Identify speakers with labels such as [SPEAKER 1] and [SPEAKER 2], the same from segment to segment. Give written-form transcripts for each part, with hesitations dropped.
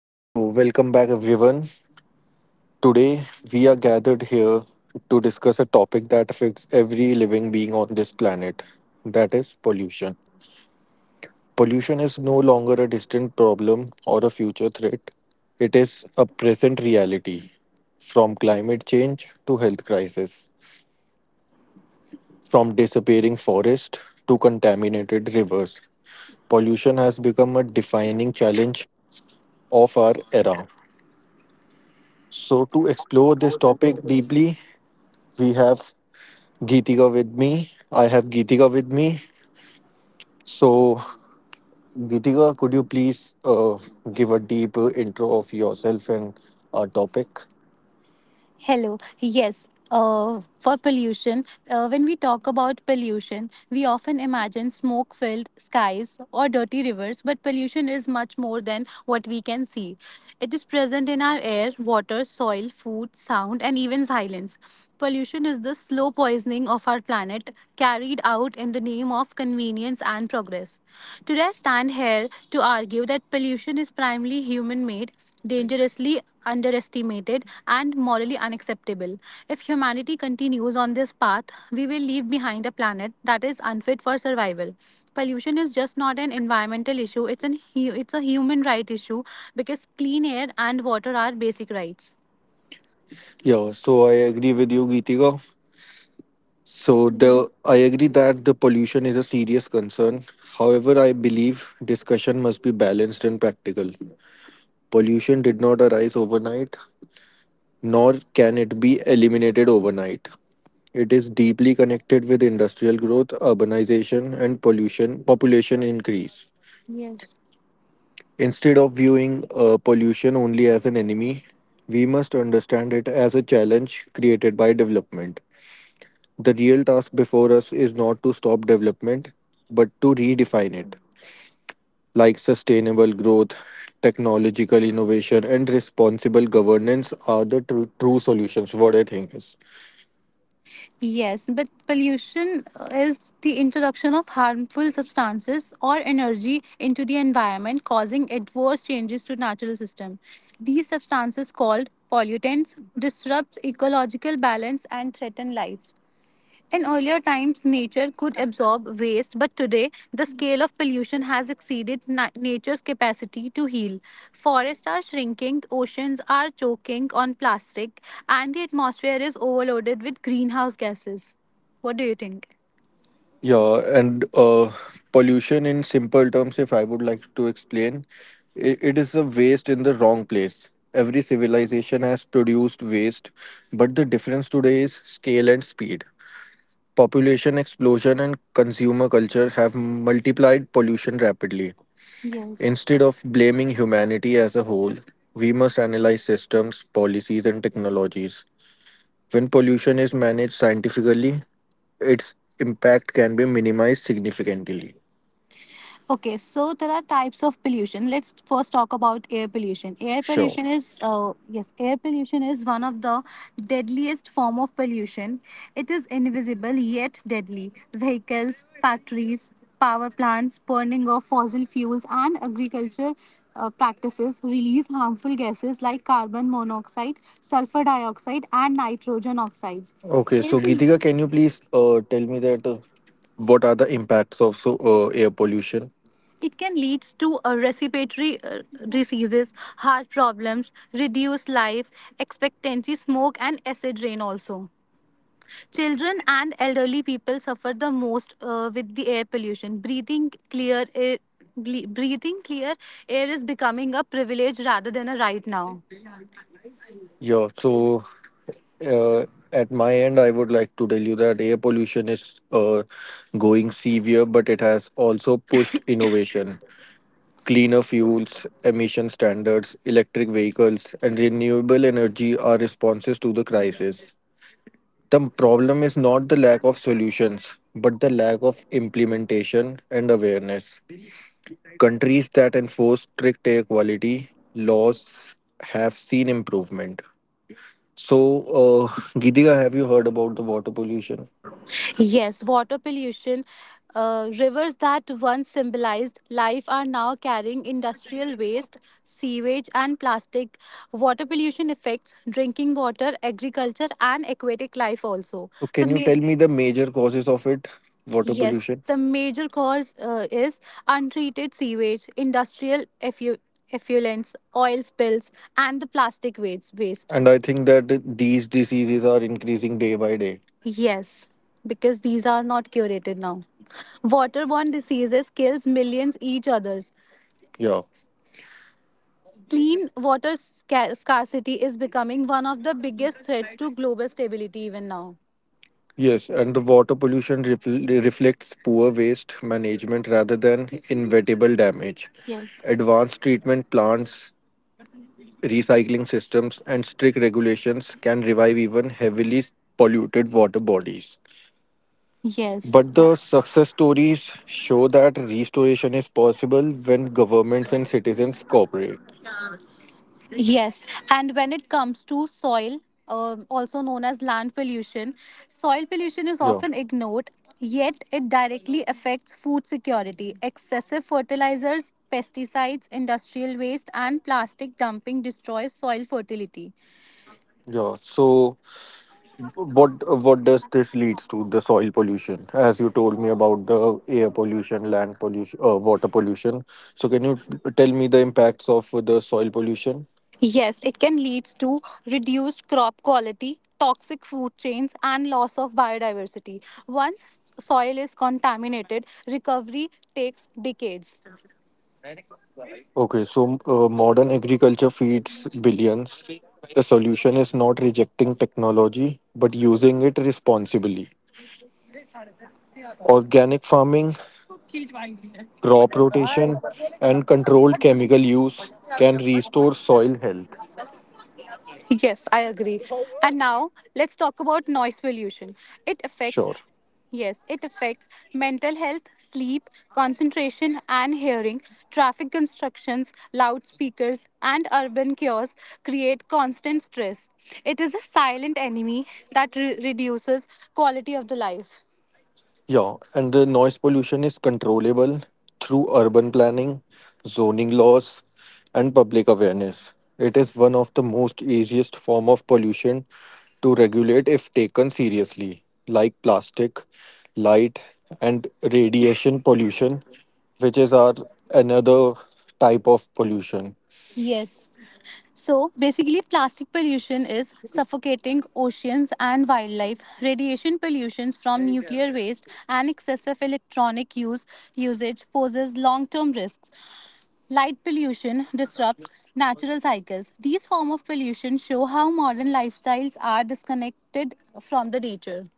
[SPEAKER 1] So, welcome back, everyone. Today, we are gathered here to discuss a topic that affects every living being on this planet, that is, pollution. Pollution is no longer a distant problem or a future threat, it is a present reality. From climate change to health crisis, from disappearing forests to contaminated rivers, pollution has become a defining challenge of our era. So, to explore this topic deeply, We have Geetika with me. I have Geetika with me. So, Geetika, could you please give a deep intro of yourself and our topic?
[SPEAKER 2] Hello. Yes. When we talk about pollution, we often imagine smoke filled skies or dirty rivers, but pollution is much more than what we can see. It is present in our air, water, soil, food, sound, and even silence. Pollution is the slow poisoning of our planet carried out in the name of convenience and progress. Today, I stand here to argue that pollution is primarily human made, dangerously underestimated, and morally unacceptable. If humanity continues on this path, we will leave behind a planet that is unfit for survival. Pollution is just not an environmental issue, it's a human right issue because clean air and water are basic rights.
[SPEAKER 1] Yeah, so I agree with you, Geetika. So the
[SPEAKER 2] Yes.
[SPEAKER 1] I agree that the pollution is a serious concern. However, I believe discussion must be balanced and practical. Pollution did not arise overnight, nor can it be eliminated overnight. It is deeply connected with industrial growth, urbanization, and pollution population increase. Instead of viewing pollution only as an enemy, we must understand it as a challenge created by development. The real task before us is not to stop development, but to redefine it, like sustainable growth, technological innovation, and responsible governance are the true solutions. What I think is.
[SPEAKER 2] Yes, but pollution is the introduction of harmful substances or energy into the environment, causing adverse changes to natural system. These substances called pollutants disrupt ecological balance and threaten life. In earlier times, nature could absorb waste, but today the scale of pollution has exceeded nature's capacity to heal. Forests are shrinking, oceans are choking on plastic, and the atmosphere is overloaded with greenhouse gases. What do you think?
[SPEAKER 1] Yeah, and pollution in simple terms, if I would like to explain, I it is a waste in the wrong place. Every civilization has produced waste, but the difference today is scale and speed. Population explosion and consumer culture have multiplied pollution rapidly.
[SPEAKER 2] Yes.
[SPEAKER 1] Instead of blaming humanity as a whole, we must analyze systems, policies, and technologies. When pollution is managed scientifically, its impact can be minimized significantly.
[SPEAKER 2] Okay, so there are types of pollution. Let's first talk about air pollution.
[SPEAKER 1] Sure.
[SPEAKER 2] Air pollution is one of the deadliest form of pollution. It is invisible yet deadly. Vehicles, factories, power plants, burning of fossil fuels, and agriculture practices release harmful gases like carbon monoxide, sulfur dioxide, and nitrogen oxides.
[SPEAKER 1] Okay,
[SPEAKER 2] Air
[SPEAKER 1] so Geetika,
[SPEAKER 2] pollution
[SPEAKER 1] can you please tell me that what are the impacts of so air pollution?
[SPEAKER 2] it can lead to a respiratory diseases, heart problems, reduced life expectancy, smoke, and acid rain also. Children and elderly people suffer the most with the air pollution. Breathing clear air, breathing clear air is becoming a privilege rather than a right now.
[SPEAKER 1] Yeah, so uh, at my end, I would like to tell you that air pollution is going severe, but it has also pushed innovation. Cleaner fuels, emission standards, electric vehicles, and renewable energy are responses to the crisis. The problem is not the lack of solutions, but the lack of implementation and awareness. Countries that enforce strict air quality laws have seen improvement. So, Geetika, have you heard about the water pollution?
[SPEAKER 3] Yes, water pollution. Rivers that once symbolized life are now carrying industrial waste, sewage, and plastic. Water pollution affects drinking water, agriculture, and aquatic life also.
[SPEAKER 1] So,
[SPEAKER 3] The
[SPEAKER 1] can you tell me
[SPEAKER 3] ma-
[SPEAKER 1] the major causes of it, water
[SPEAKER 3] yes,
[SPEAKER 1] pollution?
[SPEAKER 3] the major cause is untreated sewage, effluents, oil spills, and the plastic waste.
[SPEAKER 1] And I think that these diseases are increasing day by day.
[SPEAKER 3] Yes, because these are not curated now. Waterborne diseases kills millions each others.
[SPEAKER 1] Yeah.
[SPEAKER 3] Clean water scarcity is becoming one of the biggest threats to global stability even now.
[SPEAKER 1] Yes, and the water pollution reflects poor waste management rather than inevitable damage. Advanced treatment plants, recycling systems and strict regulations can revive even heavily polluted water bodies.
[SPEAKER 3] Yes.
[SPEAKER 1] But the success stories show that restoration is possible when governments and citizens cooperate.
[SPEAKER 3] Yes, and when it comes to soil, also known as land pollution, soil pollution is
[SPEAKER 1] Yeah,
[SPEAKER 3] often ignored, yet it directly affects food security. Excessive fertilizers, pesticides, industrial waste, and plastic dumping destroys soil fertility.
[SPEAKER 1] yeah. So, what does this leads to the soil pollution? As you told me about the air pollution, land pollution, water pollution. So, can you tell me the impacts of the soil pollution?
[SPEAKER 3] Yes, it can lead to reduced crop quality, toxic food chains, and loss of biodiversity. Once soil is contaminated, recovery takes decades.
[SPEAKER 1] Okay, so modern agriculture feeds billions. The solution is not rejecting technology, but using it responsibly. Organic farming, crop rotation, and controlled chemical use can restore soil health.
[SPEAKER 3] Yes, I agree. And now let's talk about noise pollution. It affects.
[SPEAKER 1] Sure.
[SPEAKER 3] Yes, it affects mental health, sleep, concentration, and hearing. Traffic constructions, loudspeakers, and urban cures create constant stress. It is a silent enemy that reduces quality of the life.
[SPEAKER 1] Yeah, and the noise pollution is controllable through urban planning, zoning laws, and public awareness. It is one of the most easiest form of pollution to regulate if taken seriously, like plastic, light, and radiation pollution, which is our another type of pollution.
[SPEAKER 3] Yes. So basically, plastic pollution is suffocating oceans and wildlife. Radiation pollution from nuclear waste and excessive electronic use usage poses long-term risks. Light pollution disrupts natural cycles. These forms of pollution show how modern lifestyles are disconnected from the nature.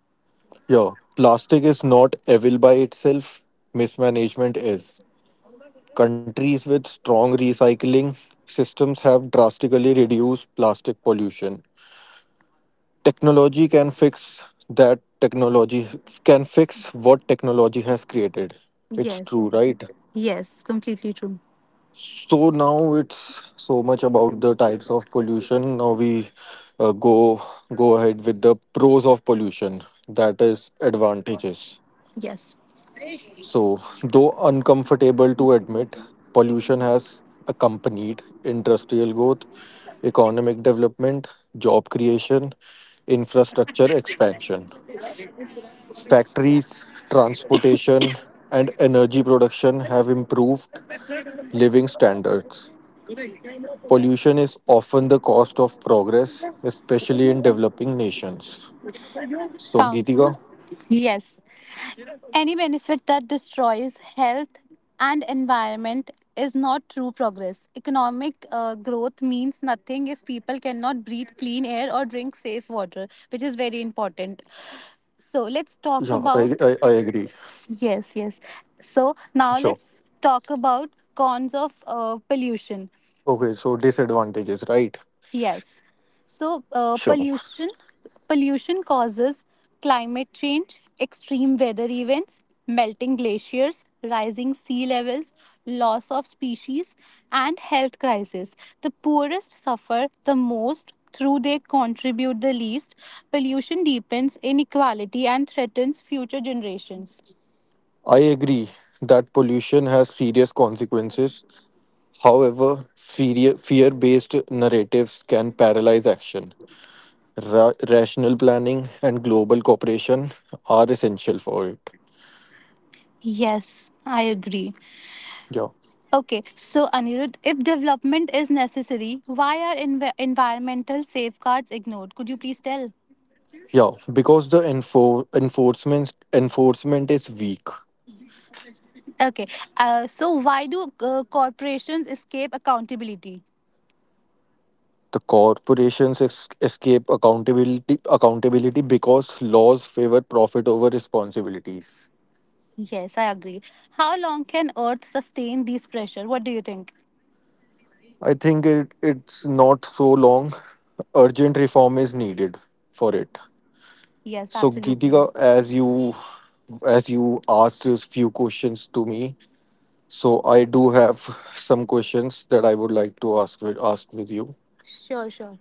[SPEAKER 1] Yeah, plastic is not evil by itself, mismanagement is. Countries with strong recycling systems have drastically reduced plastic pollution. Technology can fix technology can fix what technology has created. It's
[SPEAKER 3] Yes.
[SPEAKER 1] true, right?
[SPEAKER 3] Yes, completely true.
[SPEAKER 1] So now it's so much about the types of pollution. Now we uh, go go ahead with the pros of pollution. That is advantages.
[SPEAKER 3] Yes.
[SPEAKER 1] So, though uncomfortable to admit, pollution has accompanied industrial growth, economic development, job creation, infrastructure expansion. Factories, transportation, and energy production have improved living standards. Pollution is often the cost of progress, especially in developing nations. So,
[SPEAKER 3] Found.
[SPEAKER 1] Geetika?
[SPEAKER 3] Yes. Any benefit that destroys health and environment is not true progress. Economic growth means nothing if people cannot breathe clean air or drink safe water, which is very important. So let's
[SPEAKER 1] Yeah,
[SPEAKER 3] talk
[SPEAKER 1] I, I,
[SPEAKER 3] about.
[SPEAKER 1] I agree.
[SPEAKER 3] Yes, yes. So now
[SPEAKER 1] Sure.
[SPEAKER 3] let's talk about cons of pollution.
[SPEAKER 1] Okay, so disadvantages, right?
[SPEAKER 3] Yes. So,
[SPEAKER 1] Sure.
[SPEAKER 3] pollution causes climate change, extreme weather events, melting glaciers, rising sea levels, loss of species, and health crisis. The poorest suffer the most through they contribute the least. Pollution deepens inequality and threatens future generations.
[SPEAKER 1] I agree that pollution has serious consequences. However, fear based narratives can paralyze action. Rational planning and global cooperation are essential for it.
[SPEAKER 3] Yes, I agree.
[SPEAKER 1] Yeah.
[SPEAKER 3] Okay, so Anirudh, if development is necessary, why are environmental safeguards ignored? Could you please tell?
[SPEAKER 1] Yeah, because the enforcement is weak.
[SPEAKER 3] Okay, so why do corporations escape accountability?
[SPEAKER 1] The corporations escape accountability because laws favor profit over responsibilities.
[SPEAKER 3] Yes, I agree. How long can Earth sustain these pressure? What do you think?
[SPEAKER 1] I think it's not so long. Urgent reform is needed for it.
[SPEAKER 3] Yes,
[SPEAKER 1] So
[SPEAKER 3] absolutely.
[SPEAKER 1] Geetika, as you asked a few questions to me, so I do have some questions that I would like to ask with you.
[SPEAKER 3] Sure, sure.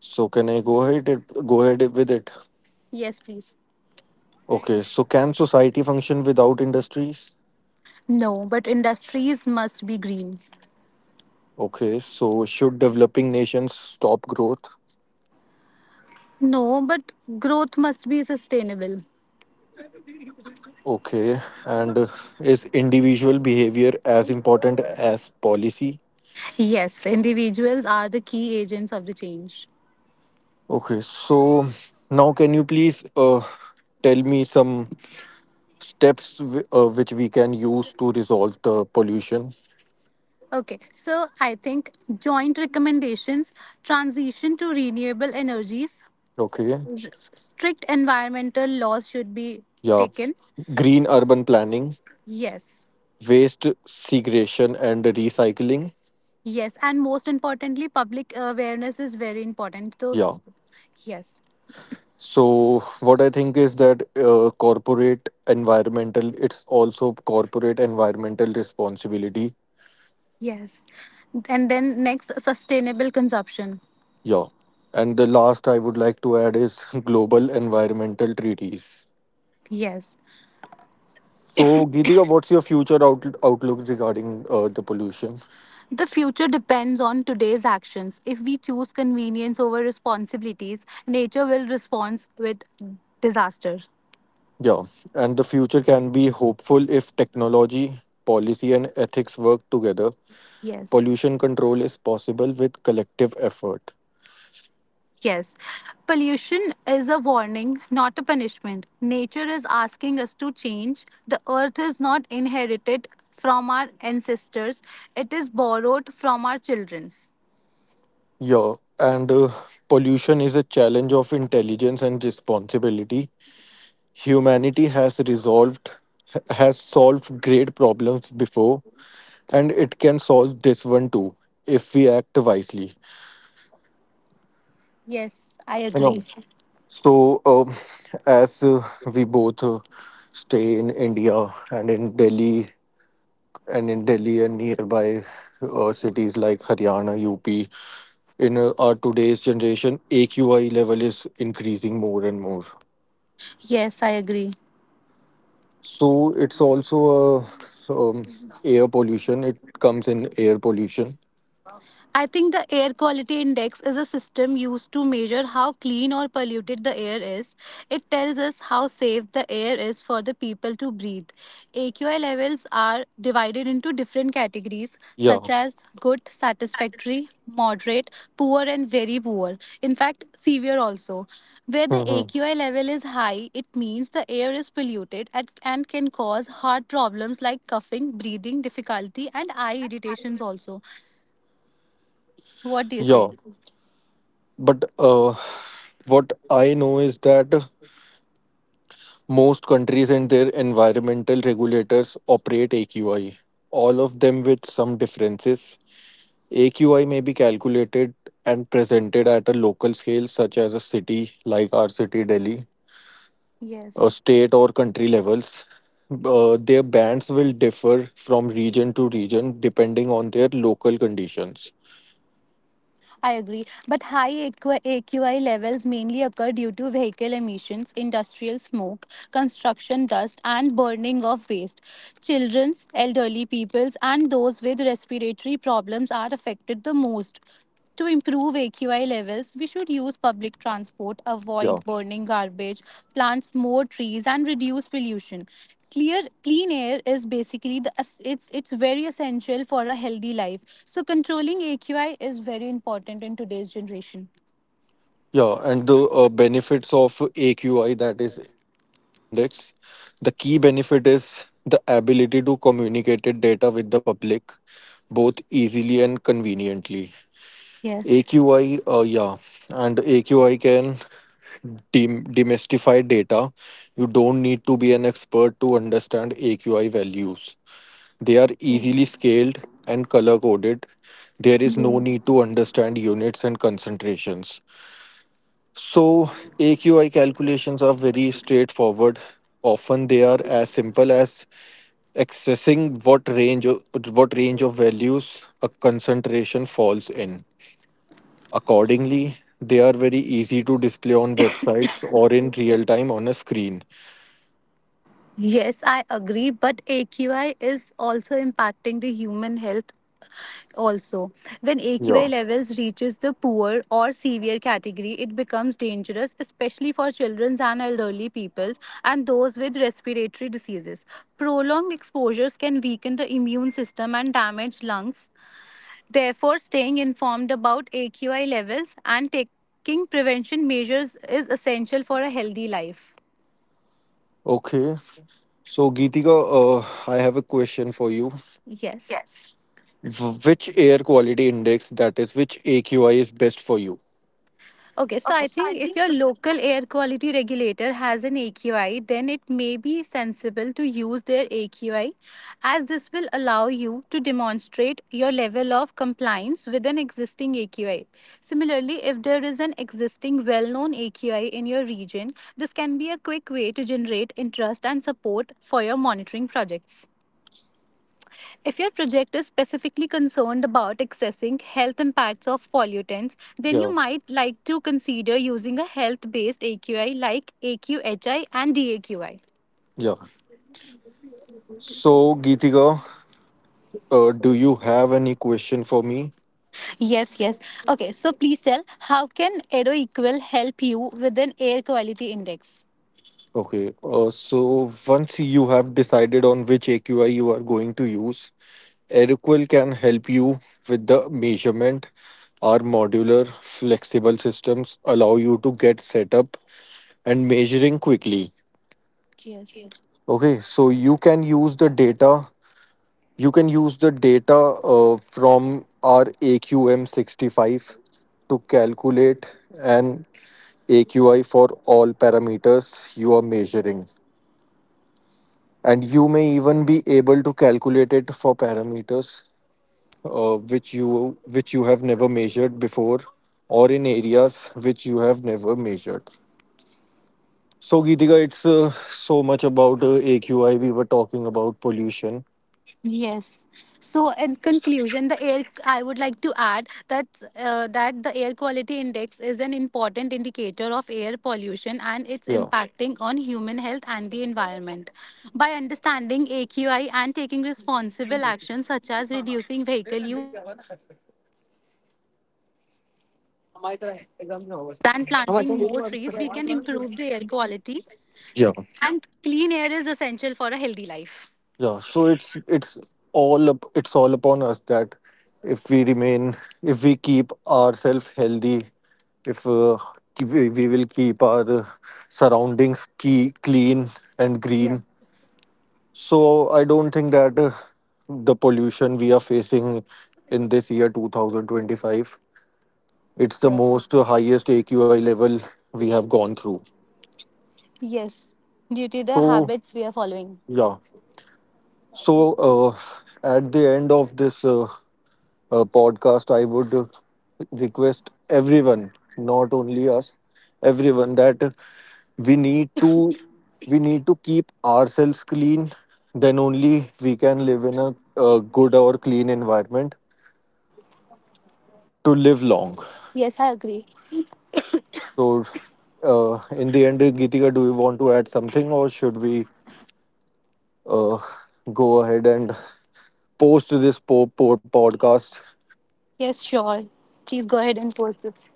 [SPEAKER 1] So can I go ahead with it?
[SPEAKER 3] Yes, please.
[SPEAKER 1] Okay, so can society function without industries?
[SPEAKER 3] No, but industries must be green.
[SPEAKER 1] Okay, so should developing nations stop growth?
[SPEAKER 3] No, but growth must be sustainable.
[SPEAKER 1] Okay, and is individual behavior as important as policy?
[SPEAKER 3] Yes, individuals are the key agents of the change.
[SPEAKER 1] Okay, so now can you please tell me some steps which we can use to resolve the pollution?
[SPEAKER 3] Okay, so I think joint recommendations, transition to renewable energies,
[SPEAKER 1] Okay,
[SPEAKER 3] strict environmental laws should be
[SPEAKER 1] yeah,
[SPEAKER 3] taken.
[SPEAKER 1] green urban planning,
[SPEAKER 3] Yes,
[SPEAKER 1] waste segregation, and recycling.
[SPEAKER 3] yes, and most importantly, public awareness is very important.
[SPEAKER 1] Yeah,
[SPEAKER 3] Those, yes,
[SPEAKER 1] so what I think is that corporate environmental, it's also corporate environmental responsibility.
[SPEAKER 3] yes, and then next, sustainable consumption.
[SPEAKER 1] Yeah, and the last I would like to add is global environmental treaties.
[SPEAKER 3] Yes,
[SPEAKER 1] So, Geetika, what's your future outlook regarding the pollution?
[SPEAKER 3] the future depends on today's actions. If we choose convenience over responsibilities, nature will respond with disaster.
[SPEAKER 1] Yeah, and the future can be hopeful if technology, policy, and ethics work together.
[SPEAKER 3] Yes.
[SPEAKER 1] Pollution control is possible with collective effort.
[SPEAKER 3] Yes, pollution is a warning, not a punishment. Nature is asking us to change. The earth is not inherited from our ancestors, it is borrowed from our children's.
[SPEAKER 1] Yeah, and pollution is a challenge of intelligence and responsibility. Humanity has resolved, has solved great problems before, and it can solve this one too if we act wisely.
[SPEAKER 3] Yes, I agree.
[SPEAKER 1] So, as we both stay in India and in Delhi and in Delhi and nearby cities like Haryana, UP, in our today's generation, AQI level is increasing more and more.
[SPEAKER 3] Yes, I agree.
[SPEAKER 1] So it's also a air pollution. It comes in air pollution.
[SPEAKER 3] I think the air quality index is a system used to measure how clean or polluted the air is. It tells us how safe the air is for the people to breathe. AQI levels are divided into different categories such
[SPEAKER 1] Yeah.
[SPEAKER 3] as good, satisfactory, moderate, poor, and very poor. In fact, severe also. Where the
[SPEAKER 1] Hmm.
[SPEAKER 3] AQI level is high, it means the air is polluted and can cause heart problems like coughing, breathing difficulty, and eye irritations also. What do you
[SPEAKER 1] Yeah.
[SPEAKER 3] say?
[SPEAKER 1] But what I know is that most countries and their environmental regulators operate AQI, all of them with some differences. AQI may be calculated and presented at a local scale, such as a city like our city, Delhi, a
[SPEAKER 3] Yes,
[SPEAKER 1] state or country levels. Their bands will differ from region to region depending on their local conditions.
[SPEAKER 3] I agree. But AQI A Q I levels mainly occur due to vehicle emissions, industrial smoke, construction dust, and burning of waste. Children's, elderly peoples, and those with respiratory problems are affected the most. To improve A QI levels, we should use public transport,
[SPEAKER 1] Yeah.
[SPEAKER 3] avoid burning garbage, plant more trees, and reduce pollution. Clear, clean air is basically the it's very essential for a healthy life. So controlling AQI is very important in today's generation.
[SPEAKER 1] Yeah, and the benefits of AQI, that is Air Quality Index, the key benefit is the ability to communicate it data with the public both easily and conveniently.
[SPEAKER 3] Yes.
[SPEAKER 1] AQI, uh, yeah, and AQI can demystify data. You don't need to be an expert to understand AQI values. They are easily scaled and color coded. There is no need to understand units and concentrations. So, AQI calculations are very straightforward. Often they are as simple as accessing what range of values a concentration falls in. Accordingly, they are very easy to display on websites or in real time on a screen.
[SPEAKER 3] Yes, I agree, but AQI is also impacting the human health also. When AQI
[SPEAKER 1] Yeah.
[SPEAKER 3] levels reaches the poor or severe category, it becomes dangerous, especially for children and elderly peoples and those with respiratory diseases. Prolonged exposures can weaken the immune system and damage lungs. Therefore, staying informed about AQI levels and taking prevention measures is essential for a healthy life.
[SPEAKER 1] Okay. So, Geetika, I have a question for you.
[SPEAKER 3] Yes.
[SPEAKER 1] Which air quality index, that is, which AQI is best for you?
[SPEAKER 3] Okay, so I think if your local air quality regulator has an AQI, then it may be sensible to use their AQI as this will allow you to demonstrate your level of compliance with an existing AQI. Similarly, if there is an existing well known AQI in your region, this can be a quick way to generate interest and support for your monitoring projects. If your project is specifically concerned about accessing health impacts of pollutants, then
[SPEAKER 1] Yeah.
[SPEAKER 3] you might like to consider using a health based AQI like AQHI and DAQI.
[SPEAKER 1] Yeah. So, Geetika, do you have any question for me?
[SPEAKER 3] Yes, yes. Okay, so please tell how can AeroEqual help you with an air quality index?
[SPEAKER 1] Okay, so once you have decided on which AQI you are going to use, Aeroquil can help you with the measurement. Our modular, flexible systems allow you to get set up and measuring quickly.
[SPEAKER 3] Cheers.
[SPEAKER 1] Okay, so You can use the data from our AQM65 to calculate an AQI for all parameters you are measuring. And you may even be able to calculate it for parameters which you have never measured before or in areas which you have never measured. So Geetika, it's so much about AQI. We were talking about pollution.
[SPEAKER 3] Yes. So, in conclusion, the air I would like to add that that the air quality index is an important indicator of air pollution and its
[SPEAKER 1] Yeah.
[SPEAKER 3] impacting on human health and the environment. By understanding AQI and taking responsible actions such as reducing vehicle use
[SPEAKER 4] And planting more trees, we can improve the air quality.
[SPEAKER 1] Yeah.
[SPEAKER 4] And clean air is essential for a healthy life.
[SPEAKER 1] Yeah, so it's all upon us that if we remain, if we keep ourselves healthy, if we will keep our surroundings clean and green. So I don't think that the pollution we are facing in this year 2025, it's the
[SPEAKER 4] Yes.
[SPEAKER 1] most highest AQI level we have gone through.
[SPEAKER 4] Yes. Due to the
[SPEAKER 1] So
[SPEAKER 4] habits we are following.
[SPEAKER 1] yeah, so uh, at the end of this. Podcast, I would request everyone, not only us, everyone that we need to we need to keep ourselves clean. Then only we can live in a good or clean environment to live
[SPEAKER 4] Yes, I
[SPEAKER 1] long.
[SPEAKER 4] agree.
[SPEAKER 1] So, in the end, Geetika, do you want to add something, or should we uh, go ahead and post this podcast?
[SPEAKER 4] Yes, sure. Please go ahead and post this.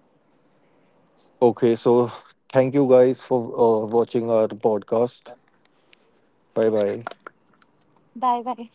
[SPEAKER 1] Okay, so thank you guys for watching our podcast. Bye bye.
[SPEAKER 4] Bye bye.